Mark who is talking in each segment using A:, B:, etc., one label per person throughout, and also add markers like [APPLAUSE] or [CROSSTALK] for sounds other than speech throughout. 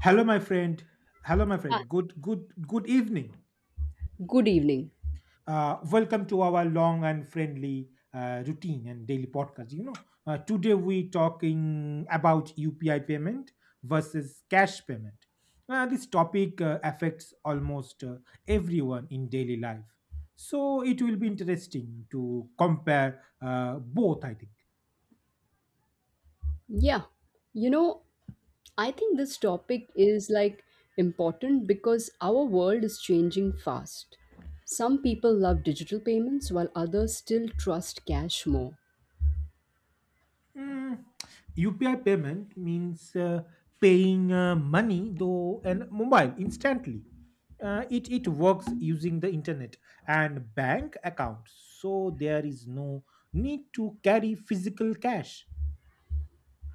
A: Hello, my friend. Hello, my
B: Hi,
A: friend. Good evening.
B: good evening.
A: Welcome to our long and friendly routine and daily podcast. Today we talking about UPI payment versus cash payment. This topic affects almost everyone in daily life, so it will be interesting to compare both, I think.
B: Yeah, you know, I think this topic is like important because our world is changing fast. Some people love digital payments while others still trust cash more.
A: Mm, UPI payment means paying money though and mobile instantly. It works using the internet and bank accounts, so there is no need to carry physical cash.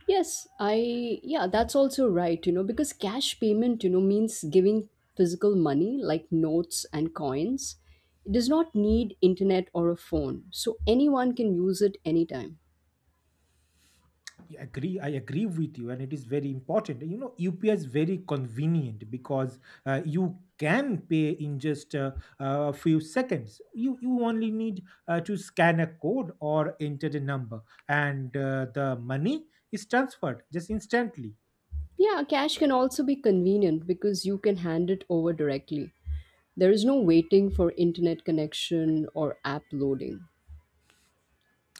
B: Yes, that's also right, because cash payment, means giving physical money like notes and coins. It does not need internet or a phone, so anyone can use it anytime.
A: I agree. I agree with you, and it is very important. You know, UPI is very convenient because you can pay in just a few seconds. You only need to scan a code or enter a number, and the money is transferred just instantly.
B: Yeah, cash can also be convenient because you can hand it over directly. There is no waiting for internet connection or app loading.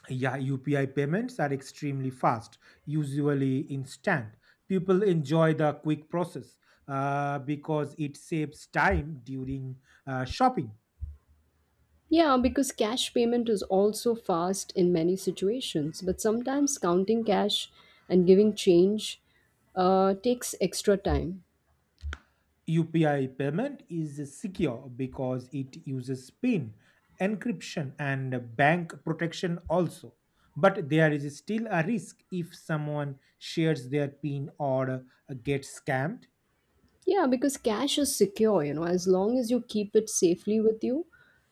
A: Yeah, UPI payments are extremely fast, usually instant. People enjoy the quick process because it saves time during shopping.
B: Yeah, because cash payment is also fast in many situations, but sometimes counting cash and giving change takes extra time.
A: UPI payment is secure because it uses PIN encryption and bank protection also. But there is still a risk if someone shares their PIN or gets scammed.
B: Yeah, because cash is secure, as long as you keep it safely with you.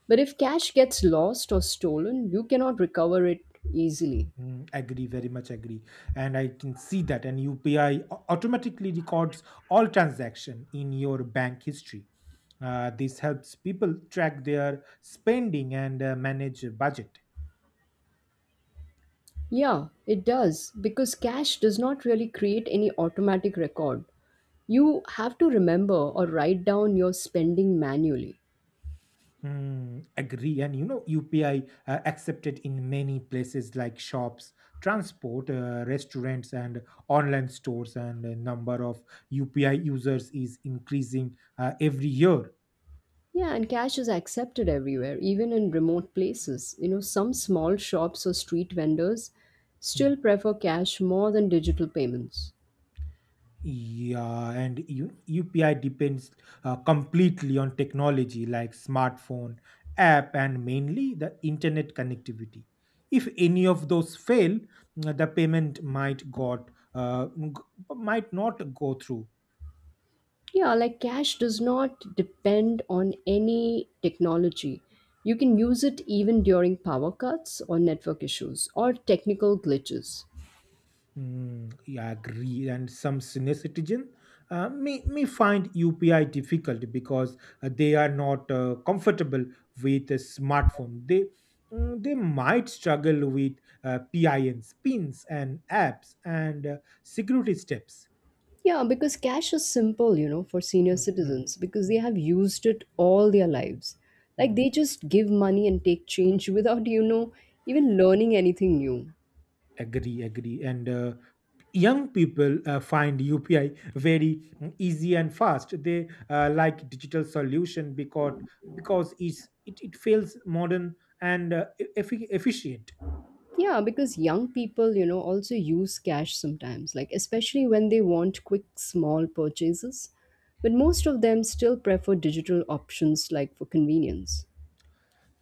B: But if cash gets lost or stolen, you cannot recover it easily.
A: Mm, agree, very much agree. And I can see that an UPI automatically records all transaction in your bank history. This helps people track their spending and manage a budget.
B: Yeah, it does because cash does not really create any automatic record. You have to remember or write down your spending manually.
A: Hmm, agree. And you know, UPI accepted in many places like shops, transport, restaurants, and online stores. And the number of UPI users is increasing every year.
B: Yeah, and cash is accepted everywhere, even in remote places. You know, some small shops or street vendors
A: Mm.
B: still prefer cash more than digital payments.
A: UPI depends completely on technology like smartphone, app, and mainly the internet connectivity. If any of those fail, the payment might not go through.
B: Yeah, like cash does not depend on any technology. You can use it even during power cuts or network issues or technical glitches.
A: Mm, yeah, I agree. And some senior citizen may find UPI difficult because they are not comfortable with a smartphone. They mm, they might struggle with PINs, and apps and security steps.
B: Yeah, because cash is simple, for senior
A: Mm, mm,
B: citizens because they
A: mm,
B: have used it all their lives. Like
A: mm.
B: they just give money and take change without even learning anything new.
A: Agree, agree. And young people find UPI very mm, easy and fast. They like digital solution because it feels modern and efficient.
B: Yeah, because young people, also use cash sometimes, like especially when they want quick, small purchases. But most of them still prefer digital options like for convenience.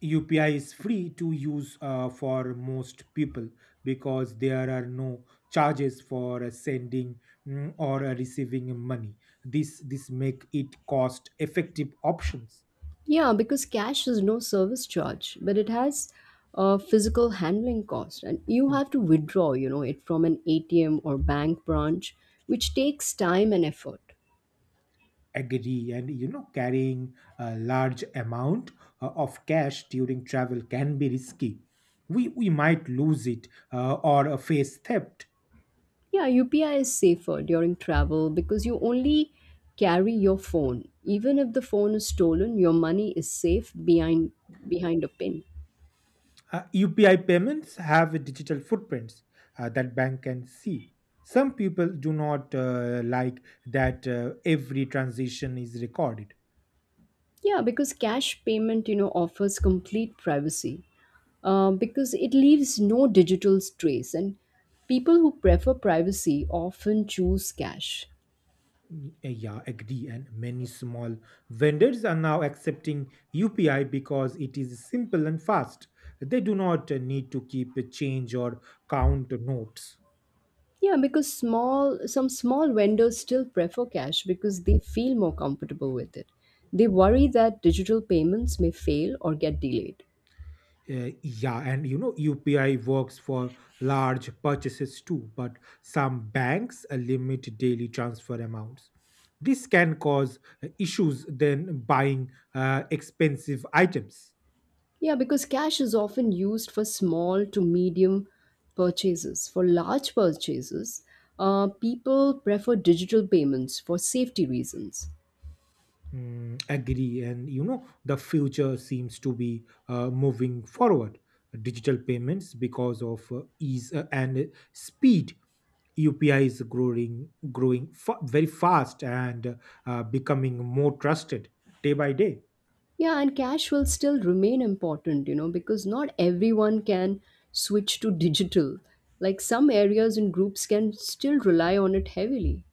A: UPI is free to use for most people because there are no charges for sending mm, or receiving money. This make it cost effective options.
B: Yeah, because cash is no service charge, but it has a physical handling cost, and you have to withdraw, it from an ATM or bank branch, which takes time and effort.
A: Agree, and you know, carrying a large amount of cash during travel can be risky. We might lose it or face theft.
B: Yeah, UPI is safer during travel because you only carry your phone. Even if the phone is stolen, your money is safe behind a pin.
A: UPI payments have digital footprints that bank can see. Some people do not like that every transaction is recorded.
B: Yeah, because cash payment, offers complete privacy because it leaves no digital trace, and people who prefer privacy often choose cash.
A: Y- Yeah, agree. And many small vendors are now accepting UPI because it is simple and fast. They do not need to keep a change or count notes.
B: Yeah, because small some small vendors still prefer cash because they feel more comfortable with it. They worry that digital payments may fail or get delayed.
A: UPI works for large purchases too, but some banks limit daily transfer amounts. This can cause issues then buying expensive items.
B: Yeah, because cash is often used for small to medium purchases. For large purchases, people prefer digital payments for safety reasons.
A: Mm, agree. And you know, the future seems to be moving forward. Digital payments because of ease and speed. UPI is very fast and becoming more trusted day by day.
B: Yeah, and cash will still remain important, because not everyone can switch to digital. Like some areas and groups can still rely on it heavily.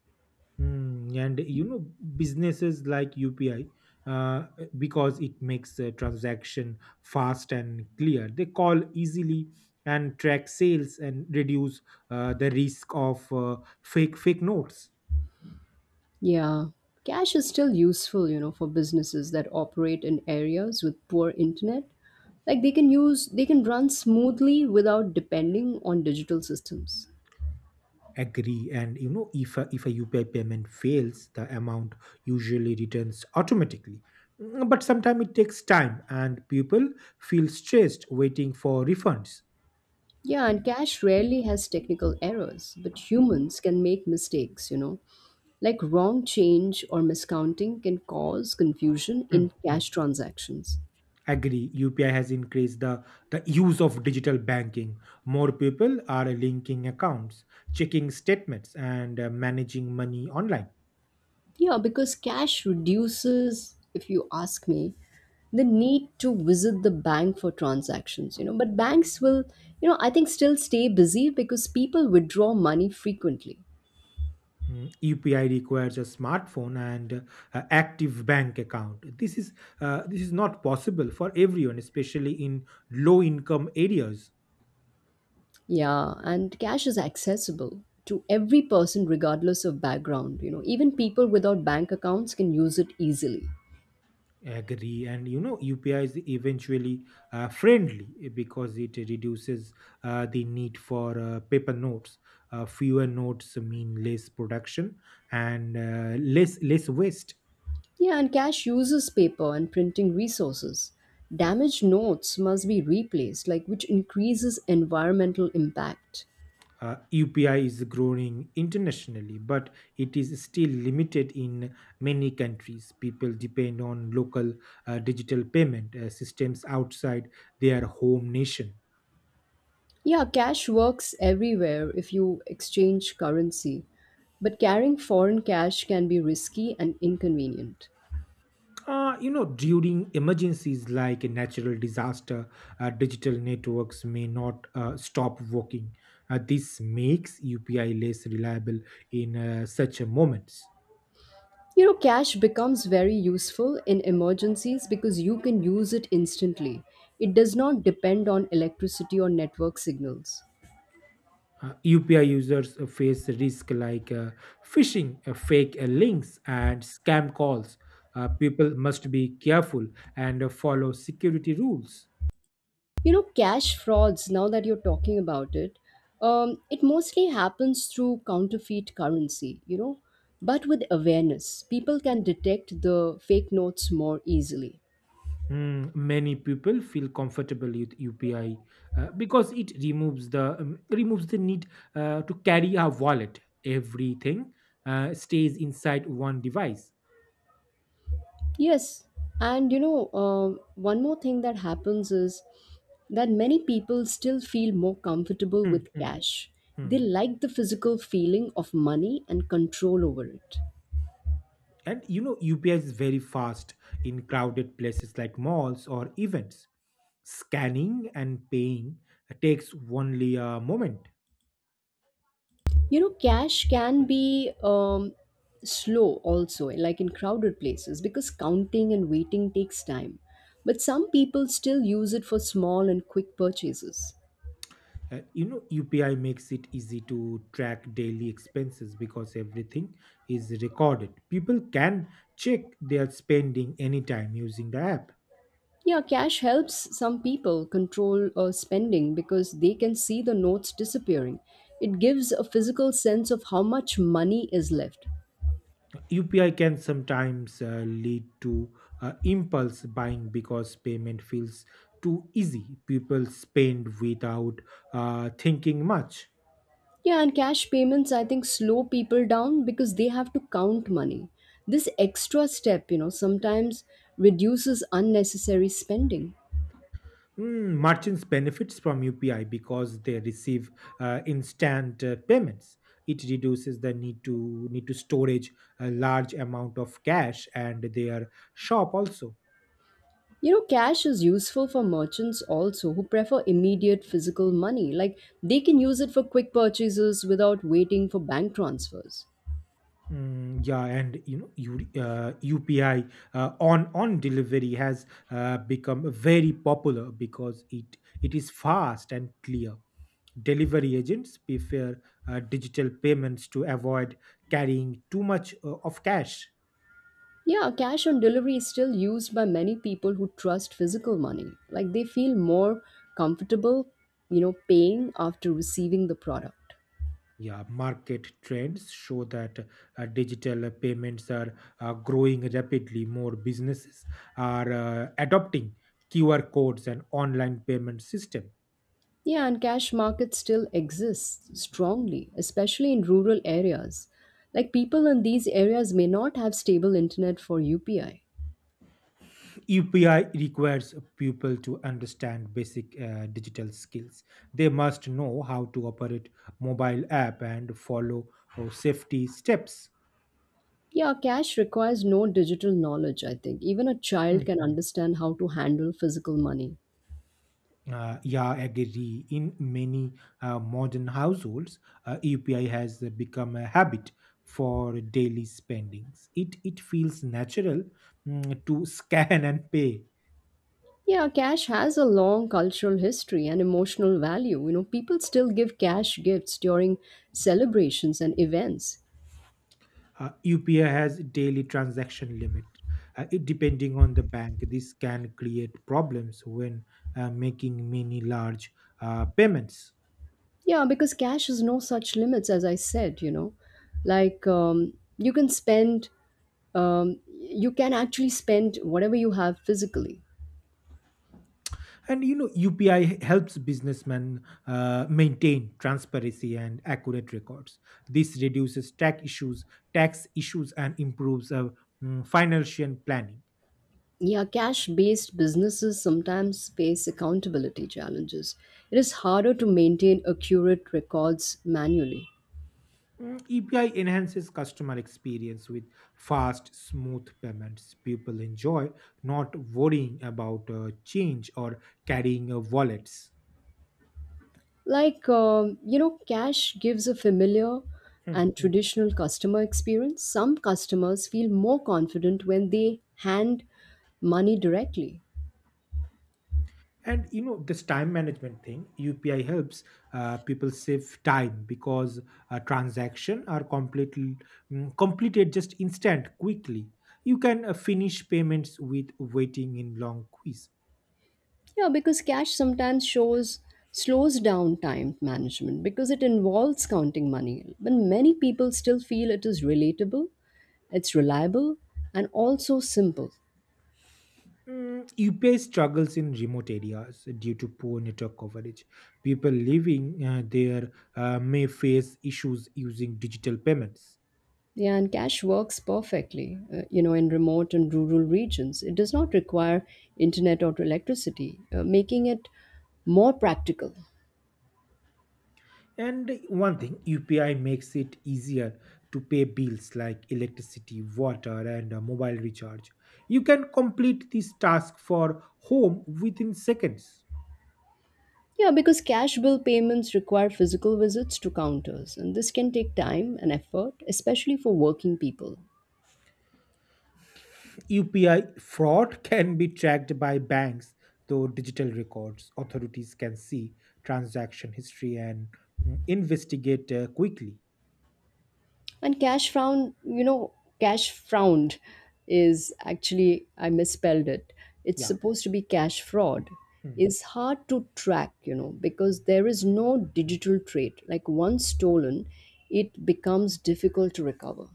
A: Hmm, and you know, businesses like UPI uh, because it makes a transaction fast and clear. They call easily and track sales and reduce the risk of fake notes.
B: Yeah, cash is still useful, for businesses that operate in areas with poor internet. Like they can run smoothly without depending on digital systems.
A: Agree, and you know, if a UPI payment fails, the amount usually returns automatically. Mm, but sometimes it takes time, and people feel stressed waiting for refunds.
B: Yeah, and cash rarely has technical errors, but humans can make mistakes, you know. Like wrong change or miscounting can cause confusion
A: Mm,
B: in cash
A: mm.
B: transactions.
A: Agree, UPI has increased the use of digital banking. More people are linking accounts, checking statements, and managing money online.
B: Yeah, because cash reduces, if you ask me, the need to visit the bank for transactions, you know. But banks will, I think still stay busy because people withdraw money frequently.
A: UPI requires a smartphone and active bank account. This is not possible for everyone, especially in low income areas.
B: Yeah, and cash is accessible to every person regardless of background, you know. Even people without bank accounts can use it easily.
A: Agree, and you know, UPI is eventually friendly eh, because it reduces the need for paper notes. Fewer notes mean less production and less waste.
B: Yeah, and cash uses paper and printing resources. Damaged notes must be replaced, like which increases environmental impact.
A: UPI is growing internationally, but it is still limited in many countries. People depend on local digital payment systems outside their home nation.
B: Yeah, cash works everywhere if you exchange currency, but carrying foreign cash can be risky and inconvenient.
A: You know, during emergencies like a natural disaster, digital networks may not stop working. This makes UPI less reliable in such a moments.
B: You know, cash becomes very useful in emergencies because you can use it instantly. It does not depend on electricity or network signals.
A: UPI users face risk like phishing, fake links, and scam calls. People must be careful and follow security rules.
B: You know, cash frauds, now that you're talking about it, it mostly happens through counterfeit currency, but with awareness, people can detect the fake notes more easily.
A: Hmm. Many people feel comfortable with UPI because it removes the need to carry a wallet. Everything stays inside one device.
B: Yes, and one more thing that happens is that many people still feel more comfortable
A: Mm,
B: with
A: mm,
B: cash.
A: mm.
B: They like the physical feeling of money and control over it.
A: And you know, UPI is very fast in crowded places like malls or events. Scanning and paying takes only a moment.
B: You know, cash can be slow also, like in crowded places, because counting and waiting takes time. But some people still use it for small and quick purchases.
A: You know, UPI makes it easy to track daily expenses because everything is recorded. People can check their spending anytime using the app.
B: Yeah, cash helps some people control spending because they can see the notes disappearing. It gives a physical sense of how much money is left.
A: UPI can sometimes lead to impulse buying because payment feels too easy. People spend without thinking much.
B: Yeah, and cash payments, I think, slow people down because they have to count money. This extra step, sometimes reduces unnecessary spending.
A: Merchants benefits from UPI because they receive instant payments. It reduces the need to storage a large amount of cash and their shop also.
B: You know, cash is useful for merchants also who prefer immediate physical money. Like, they can use it for quick purchases without waiting for bank transfers.
A: Mm, yeah, and you know, you, UPI on delivery has become very popular because it is fast and clear. Delivery agents prefer digital payments to avoid carrying too much of cash.
B: Yeah, cash on delivery is still used by many people who trust physical money. Like they feel more comfortable, paying after receiving the product.
A: Yeah, market trends show that digital payments are growing rapidly. More businesses are adopting QR codes and online payment system.
B: Yeah, and cash markets still exist strongly, especially in rural areas. Like people in these areas may not have stable internet for UPI.
A: UPI requires people to understand basic digital skills. They must know how to operate mobile app and follow safety steps.
B: Yeah, cash requires no digital knowledge, I think. Even a child can
A: Hmm.
B: understand how to handle physical money.
A: Yeah, agree. In many modern households, UPI has become a habit for daily spendings. It feels natural mm, to scan and pay.
B: Yeah, cash has a long cultural history and emotional value. You know, people still give cash gifts during celebrations and events.
A: UPI has daily transaction limit. Depending on the bank, this can create problems when making many large payments.
B: Yeah, because cash has no such limits, as I said, you know. Like, you can actually spend whatever you have physically.
A: And you know, UPI helps businessmen maintain transparency and accurate records. This reduces tax issues, and improves financial planning.
B: Yeah, cash based businesses sometimes face accountability challenges. It is harder to maintain accurate records manually.
A: UPI enhances customer experience with fast, smooth payments. People enjoy not worrying about change or carrying wallets.
B: Like, cash gives a familiar and
A: Hmm.
B: traditional customer experience. Some customers feel more confident when they hand money directly.
A: And you know, this time management thing, UPI helps people save time because a transaction are completed just instant quickly. You can finish payments with waiting in long queues.
B: Yeah, because cash sometimes shows slows down time management because it involves counting money. But many people still feel it is it's reliable, and also simple.
A: UPI struggles in remote areas due to poor network coverage. People living there may face issues using digital payments.
B: Yeah, and cash works perfectly, in remote and rural regions. It does not require internet or electricity, making it more practical.
A: And one thing, UPI makes it easier to pay bills like electricity, water, and a mobile recharge. You can complete this task for home within seconds.
B: Yeah, because cash bill payments require physical visits to counters, and this can take time and effort, especially for working people.
A: UPI fraud can be tracked by banks through digital records. Authorities can see transaction history and mm, investigate quickly.
B: And cash frown, cash frowned is actually, I misspelled it. It's
A: Yeah.
B: supposed to be cash fraud.
A: Hmm.
B: Is hard to track, because there is no digital trait. Like once stolen, it becomes difficult to recover.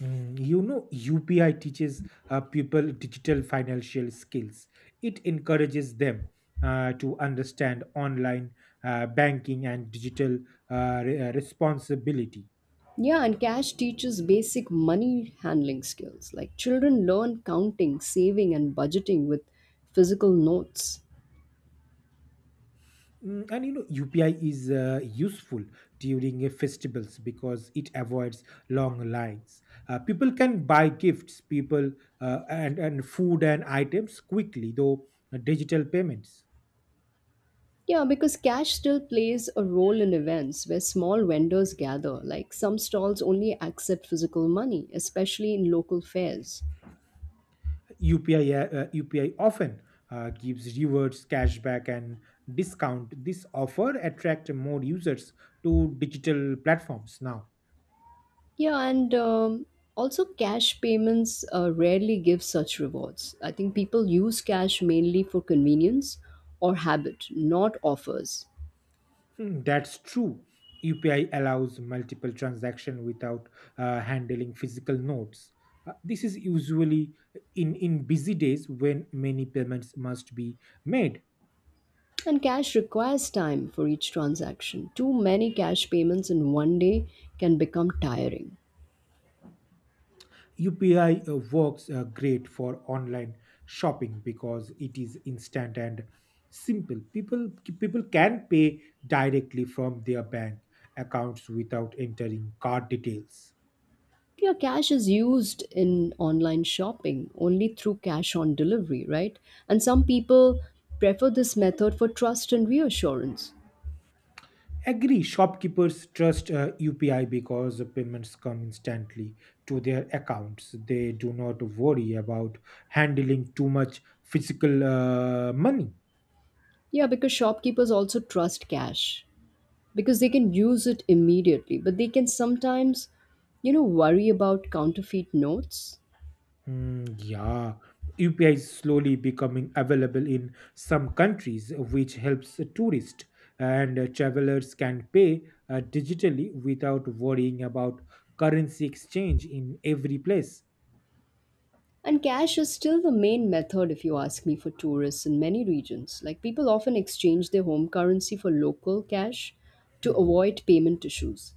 A: You know, UPI teaches people digital financial skills. It encourages them to understand online banking and digital responsibility.
B: Yeah, and cash teaches basic money handling skills. Like children learn counting, saving, and budgeting with physical notes.
A: And you know, UPI is useful during festivals because it avoids long lines. People can buy gifts, people and food and items quickly, though digital payments.
B: Yeah, because cash still plays a role in events where small vendors gather, like some stalls only accept physical money, especially in local fairs.
A: UPI often gives rewards, cashback, and discount. This offer attract more users to digital platforms now.
B: Yeah, and also cash payments rarely give such rewards. I think people use cash mainly for convenience or habit, not offers.
A: Hmm, that's true. UPI allows multiple transaction without handling physical notes. This is usually in busy days when many payments must be made.
B: And cash requires time for each transaction. Too many cash payments in one day can become tiring.
A: UPI works great for online shopping because it is instant and simple. People can pay directly from their bank accounts without entering card details.
B: Yeah, cash is used in online shopping only through cash on delivery, right? And some people prefer this method for trust and reassurance.
A: Agree, shopkeepers trust UPI because the payments come instantly to their accounts. They do not worry about handling too much physical money.
B: Yeah, because shopkeepers also trust cash because they can use it immediately, but they can sometimes, worry about counterfeit notes.
A: Mm, yeah, UPI is slowly becoming available in some countries, which helps tourists and travelers can pay digitally without worrying about currency exchange in every place.
B: And cash is still the main method, if you ask me, for tourists in many regions. Like people often exchange their home currency for local cash to
A: Hmm.
B: avoid payment issues.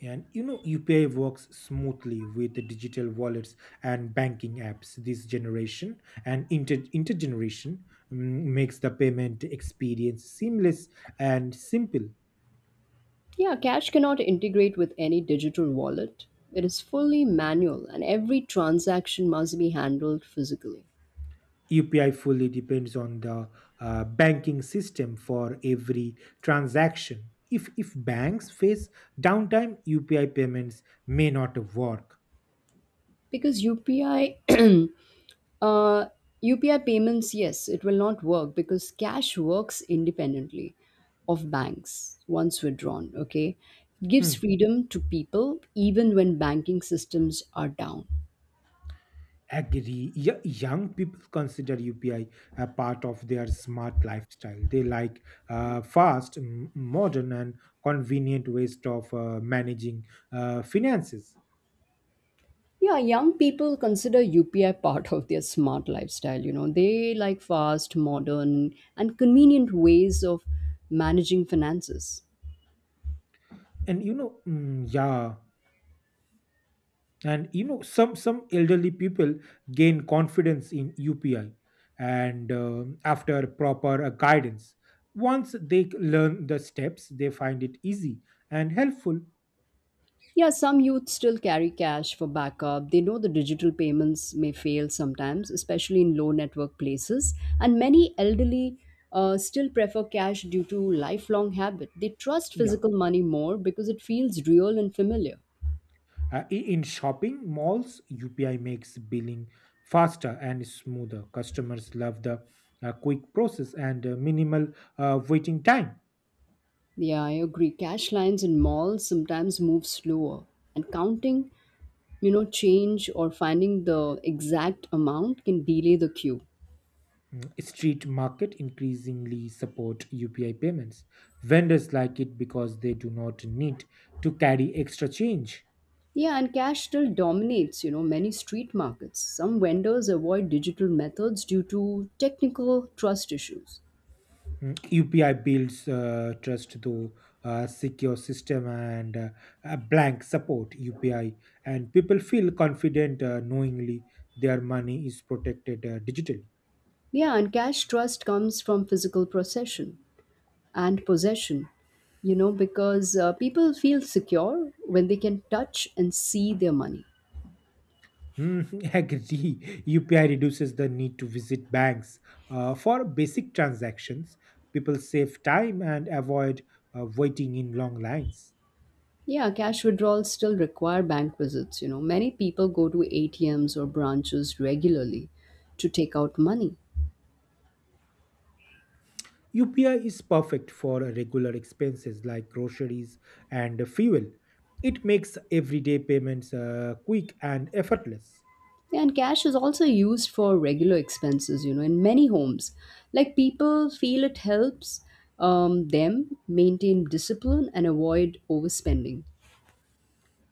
A: And you know, UPI works smoothly with the digital wallets and banking apps. This generation and intergeneration mm, makes the payment experience seamless and simple.
B: Yeah, cash cannot integrate with any digital wallet. It is fully manual and every transaction must be handled physically.
A: UPI fully depends on the banking system for every transaction. If banks face downtime, UPI payments may not work.
B: Because UPI [CLEARS THROAT] uh, UPI payments, yes, it will not work because cash works independently of banks once withdrawn, okay? It gives
A: Hmm.
B: freedom to people even when banking systems are down.
A: Agree. Young people consider UPI a part of their smart lifestyle. They like fast, modern, and convenient ways of managing finances.
B: Yeah, young people consider UPI part of their smart lifestyle. You know, they like fast, modern, and convenient ways of managing finances.
A: And you know, mm, Yeah, and you know, some elderly people gain confidence in UPI and after proper guidance, once they learn the steps they find it easy and helpful.
B: Yeah, some youth still carry cash for backup. They know the digital payments may fail sometimes, especially in low network places. And many elderly still prefer cash due to lifelong habit. They trust
A: Yeah.
B: physical money more because it feels real and familiar.
A: In shopping malls, UPI makes billing faster and smoother. Customers love the quick process and minimal waiting time.
B: Yeah, I agree. Cash lines in malls sometimes move slower, and counting, you know, change or finding the exact amount can delay the queue.
A: Street market increasingly support UPI payments. Vendors like it because they do not need to carry extra change.
B: Yeah, and cash still dominates, you know, many street markets. Some vendors avoid digital methods due to technical trust issues.
A: Mm, UPI builds trust through secure system and a blank support UPI, and people feel confident knowingly their money is protected digitally.
B: Yeah, and cash trust comes from physical possession and possession, because people feel secure when they can touch and see their money.
A: Mm, [LAUGHS] agree. UPI reduces the need to visit banks. For basic transactions, people save time and avoid waiting in long lines.
B: Yeah, cash withdrawals still require bank visits. You know, many people go to ATMs or branches regularly to take out money.
A: UPI is perfect for regular expenses like groceries and fuel. It makes everyday payments quick and effortless.
B: Yeah, and cash is also used for regular expenses, in many homes. Like people feel it helps them maintain discipline and avoid overspending.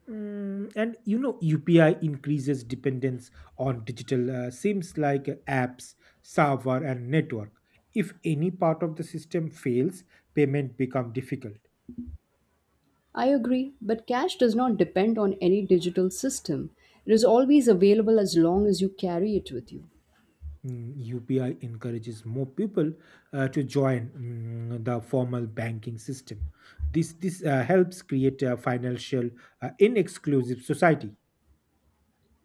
A: And UPI increases dependence on digital SIMs like apps, server, and network. If any part of the system fails, payment become difficult.
B: I agree, but cash does not depend on any digital system. It is always available as long as you carry it with you.
A: UPI encourages more people to join the formal banking system. This helps create a financial inexclusive society.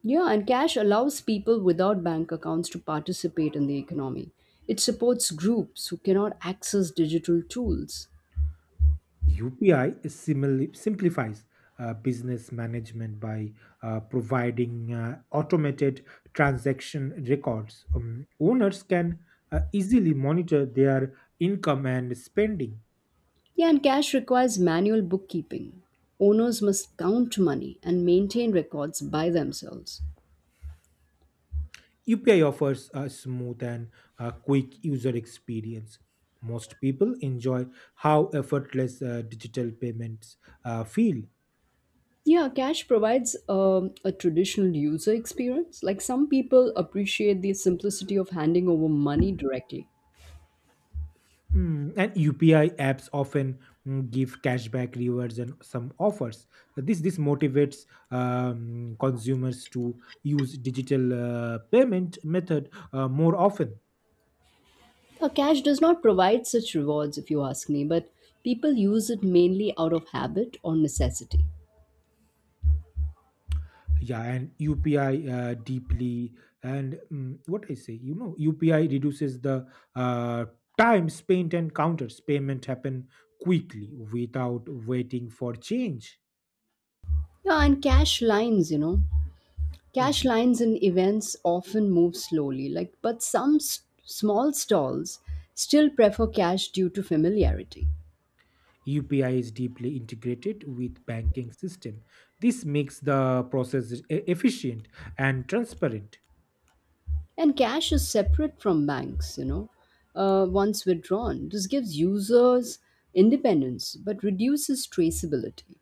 B: Yeah, and cash allows people without bank accounts to participate in the economy. It supports groups who cannot access digital tools.
A: UPI simplifies business management by providing automated transaction records. Owners can easily monitor their income and spending.
B: Yeah, and cash requires manual bookkeeping. Owners must count money and maintain records by themselves.
A: UPI offers a smooth and quick user experience. Most people enjoy how effortless digital payments feel.
B: Yeah, cash provides a traditional user experience. Like some people appreciate the simplicity of handing over money directly.
A: And UPI apps often give cashback rewards and some offers. This motivates consumers to use digital payment method more often.
B: Now, cash does not provide such rewards, if you ask me, but people use it mainly out of habit or necessity.
A: Yeah, and UPI deeply and what I say, UPI reduces the uh, time spent and counters. Payment happen quickly without waiting for change.
B: Yeah, and cash lines, you know,
A: Mm.
B: Cash lines in events often move slowly, like but some small stalls still prefer cash due to familiarity.
A: UPI is deeply integrated with banking system. This makes the process efficient and transparent.
B: And cash is separate from banks, you know. Once withdrawn, this gives users independence but reduces traceability.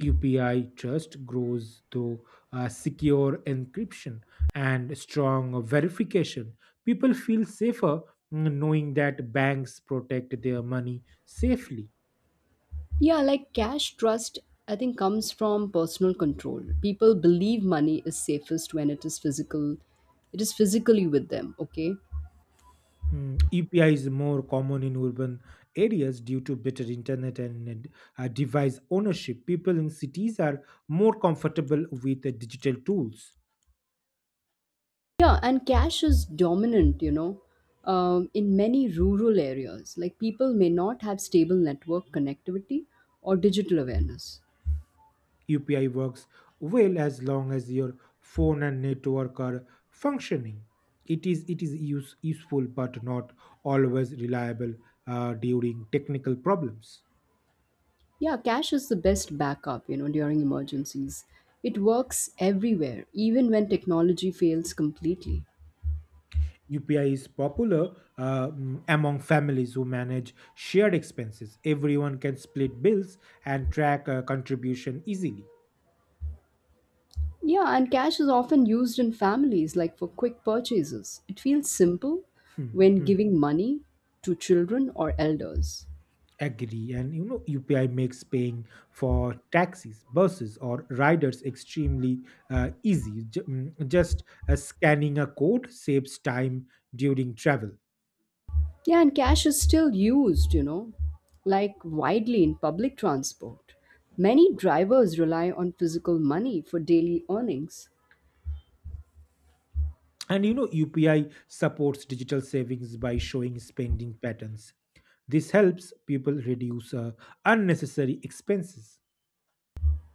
A: UPI trust grows through secure encryption and strong verification. People feel safer knowing that banks protect their money safely.
B: Yeah, like cash trust, I think, comes from personal control. People believe money is safest when it is physically with them. Okay.
A: EPI is more common in urban areas due to better internet and device ownership. People in cities are more comfortable with digital tools.
B: Yeah, and cash is dominant, you know, in many rural areas. Like people may not have stable network connectivity or digital awareness.
A: UPI works well as long as your phone and network are functioning. It is useful but not always reliable during technical problems.
B: Yeah, cash is the best backup, you know, during emergencies. It works everywhere, even when technology fails completely.
A: UPI is popular among families who manage shared expenses. Everyone can split bills and track contribution easily.
B: Yeah, and cash is often used in families, like for quick purchases. It feels simple
A: Hmm,
B: when
A: hmm.
B: giving money to children or elders.
A: Agree. And UPI makes paying for taxis, buses, or riders extremely easy. Just scanning a code saves time during travel.
B: Yeah, and cash is still used, you know, like widely in public transport. Many drivers rely on physical money for daily earnings.
A: And UPI supports digital savings by showing spending patterns. This helps people reduce unnecessary expenses.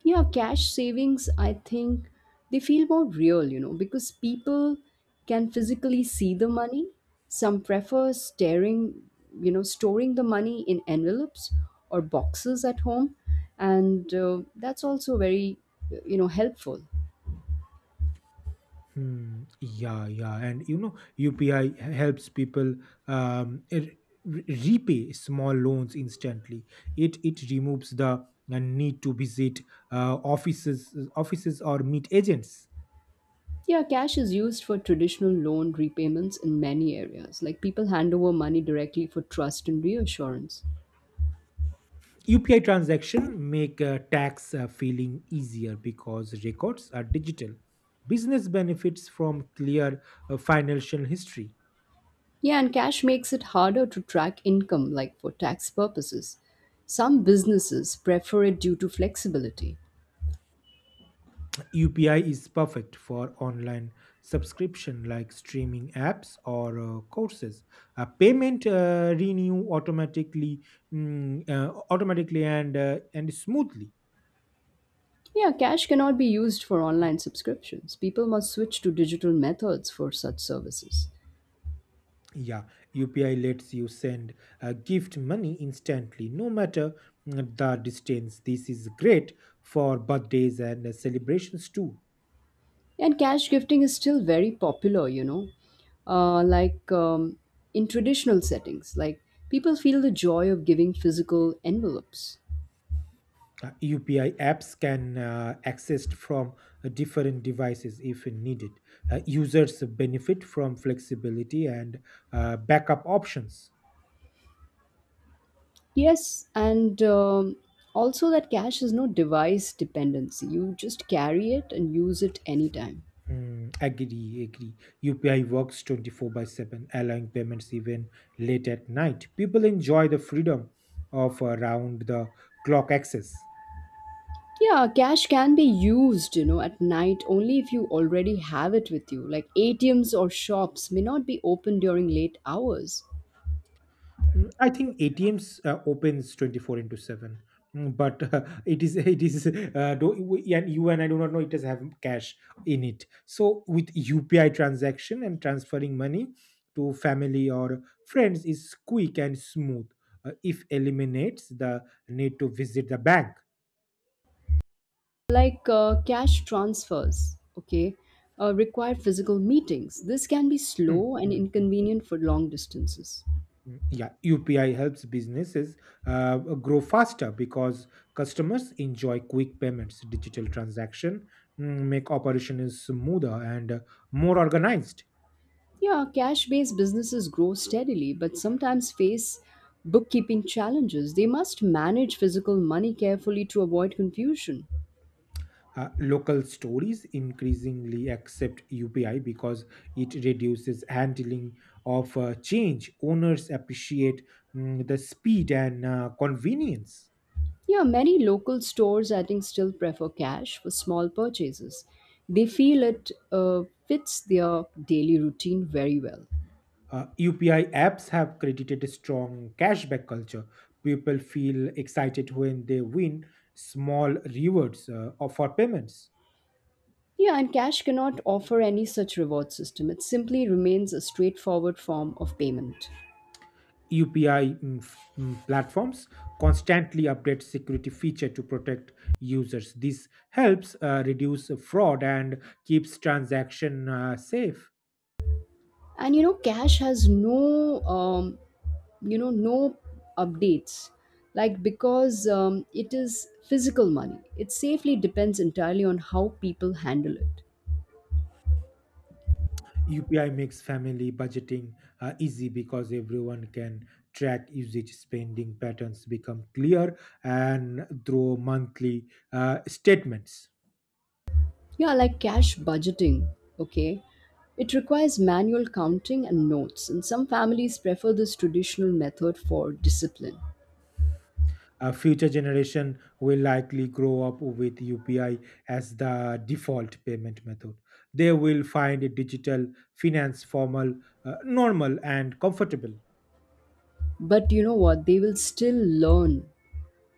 B: Yeah, cash savings, I think they feel more real, you know, because people can physically see the money. Some prefer staring, you know, storing the money in envelopes or boxes at home. And that's also very, you know, helpful.
A: Hmm, yeah, yeah. And UPI helps people um, repay small loans instantly. It removes the need to visit offices or meet agents.
B: Yeah, cash is used for traditional loan repayments in many areas. Like people hand over money directly for trust and reassurance.
A: UPI transaction make tax filing easier because records are digital. Business benefits from clear financial history.
B: Yeah, and cash makes it harder to track income, like for tax purposes. Some businesses prefer it due to flexibility.
A: UPI is perfect for online subscription like streaming apps or courses. Payment renew automatically and smoothly.
B: Yeah, cash cannot be used for online subscriptions. People must switch to digital methods for such services.
A: Yeah, UPI lets you send gift money instantly, no matter the distance. This is great for birthdays and celebrations too.
B: And cash gifting is still very popular, you know, uh, like um, in traditional settings, like people feel the joy of giving physical envelopes.
A: UPI apps can accessed from different devices if needed. Users benefit from flexibility and backup options.
B: Yes, and also that cash is no device dependency. You just carry it and use it anytime.
A: Hmm. Agree, agree. UPI works 24 by 7, allowing payments even late at night. People enjoy the freedom of around the clock access.
B: Yeah, cash can be used, you know, at night only if you already have it with you. Like ATMs or shops may not be open during late hours.
A: I think ATMs opens 24 into 7. But [LAUGHS] it is and you and I do not know it does have cash in it. So with UPI transaction and transferring money to family or friends is quick and smooth. If eliminates the need to visit the bank.
B: Like cash transfers, okay, require physical meetings. This can be
A: Mm,
B: slow and
A: mm, mm,
B: inconvenient for long distances.
A: mm. Yeah, UPI helps businesses grow faster because customers enjoy quick payments. Digital transaction make operations smoother and more organized.
B: Yeah, cash based businesses grow steadily but sometimes face bookkeeping challenges. They must manage physical money carefully to avoid confusion.
A: Local stores increasingly accept UPI because it reduces handling of change. Owners appreciate the speed and convenience.
B: Yeah, many local stores I think still prefer cash for small purchases. They feel it fits their daily routine very well.
A: UPI apps have created a strong cashback culture. People feel excited when they win small rewards for payments.
B: Yeah, and cash cannot offer any such reward system. It simply remains a straightforward form of payment.
A: UPI platforms constantly update security feature to protect users. This helps reduce fraud and keeps transaction safe.
B: And you know, cash has no updates. Like because it is physical money, it safely depends entirely on how people handle it.
A: UPI makes family budgeting easy because everyone can track usage, spending patterns become clear, and through monthly statements.
B: Yeah, like cash budgeting. Okay, it requires manual counting and notes, and some families prefer this traditional method for discipline.
A: A future generation will likely grow up with UPI as the default payment method. They will find digital finance normal, and comfortable.
B: But you know what? They will still learn,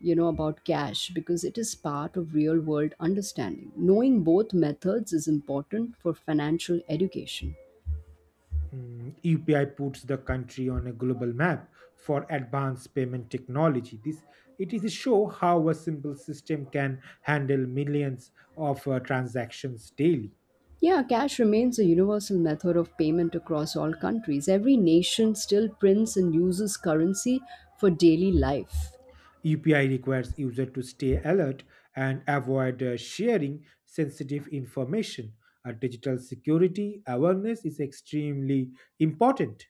B: you know, about cash because it is part of real world understanding. Knowing both methods is important for financial education.
A: UPI puts the country on a global map for advanced payment technology. This it is a show how a simple system can handle millions of transactions daily.
B: Yeah, cash remains a universal method of payment across all countries. Every nation still prints and uses currency for daily life.
A: UPI requires user to stay alert and avoid sharing sensitive information. Digital security awareness is extremely important.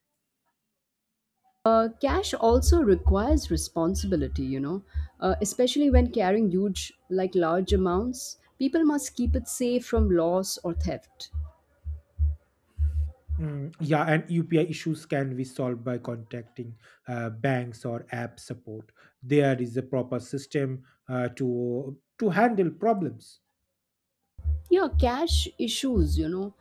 B: Cash also requires responsibility, you know, especially when carrying huge like large amounts. People must keep it safe from loss or theft.
A: Mm, yeah, and UPI issues can be solved by contacting banks or app support. There is a proper system to handle problems.
B: Yeah, cash issues, you know,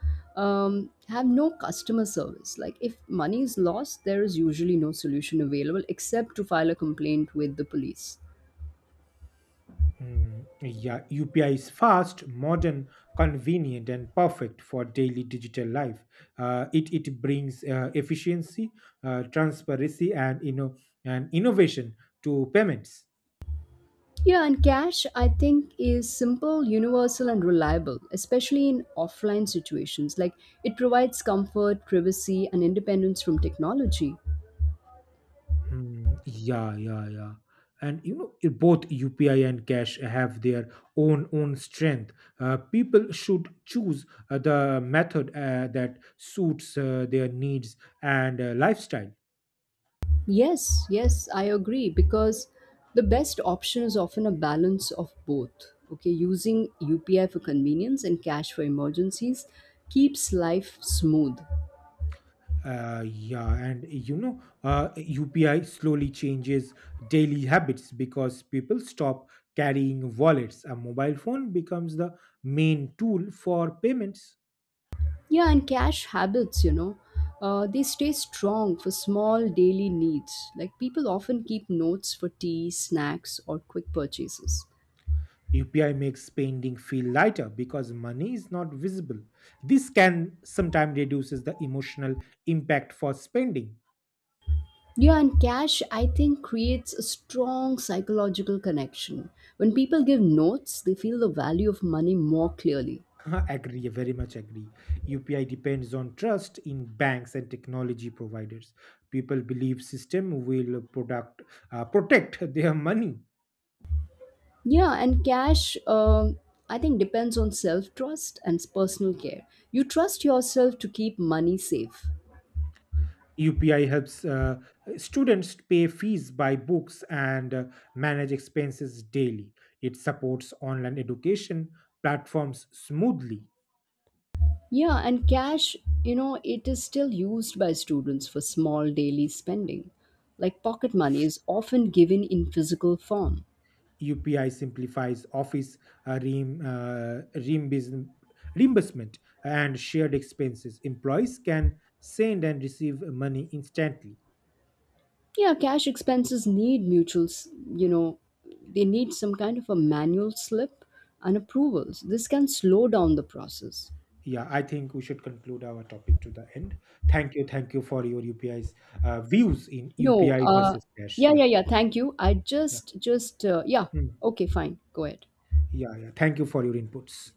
B: have no customer service. Like if money is lost, there is usually no solution available except to file a complaint with the police.
A: Mm, yeah, UPI is fast, modern, convenient, and perfect for daily digital life. It brings efficiency, transparency, and you know and innovation to payments.
B: Yeah, and cash I think is simple, universal and reliable, especially in offline situations. Like it provides comfort, privacy and independence from technology.
A: Hmm, yeah, yeah, yeah. And both UPI and cash have their own strength. People should choose the method that suits their needs and lifestyle.
B: Yes, yes, I agree because the best option is often a balance of both. Okay, using UPI for convenience and cash for emergencies keeps life smooth.
A: Yeah, and UPI slowly changes daily habits because people stop carrying wallets. A mobile phone becomes the main tool for payments.
B: Yeah, and cash habits, you know, they stay strong for small daily needs. Like people often keep notes for tea, snacks, or quick purchases.
A: UPI makes spending feel lighter because money is not visible. This can sometimes reduces the emotional impact for spending.
B: Yeah, and cash, I think, creates a strong psychological connection. When people give notes, they feel the value of money more clearly.
A: [LAUGHS] Agree, very much agree. UPI depends on trust in banks and technology providers. People believe system will product protect their money.
B: Yeah, and cash, I think, depends on self trust and personal care. You trust yourself to keep money safe.
A: UPI helps students pay fees, buy books, and manage expenses daily. It supports online education platforms smoothly.
B: Yeah, and cash, you know, it is still used by students for small daily spending. Like pocket money is often given in physical form.
A: UPI simplifies office uh, reim- uh, reimbus- reimbursement and shared expenses. Employees can send and receive money instantly.
B: Yeah, cash expenses need mutuals, you know, they need some kind of a manual slip and approvals. This can slow down the process.
A: Yeah, I think we should conclude our topic to the end. Thank you for your UPI's views in
B: No,
A: UPI versus cash.
B: yeah, yeah,
A: Yeah,
B: yeah. Thank you. I
A: yeah.
B: yeah.
A: Hmm.
B: Okay, fine. Go ahead.
A: Yeah, yeah. Thank you for your inputs.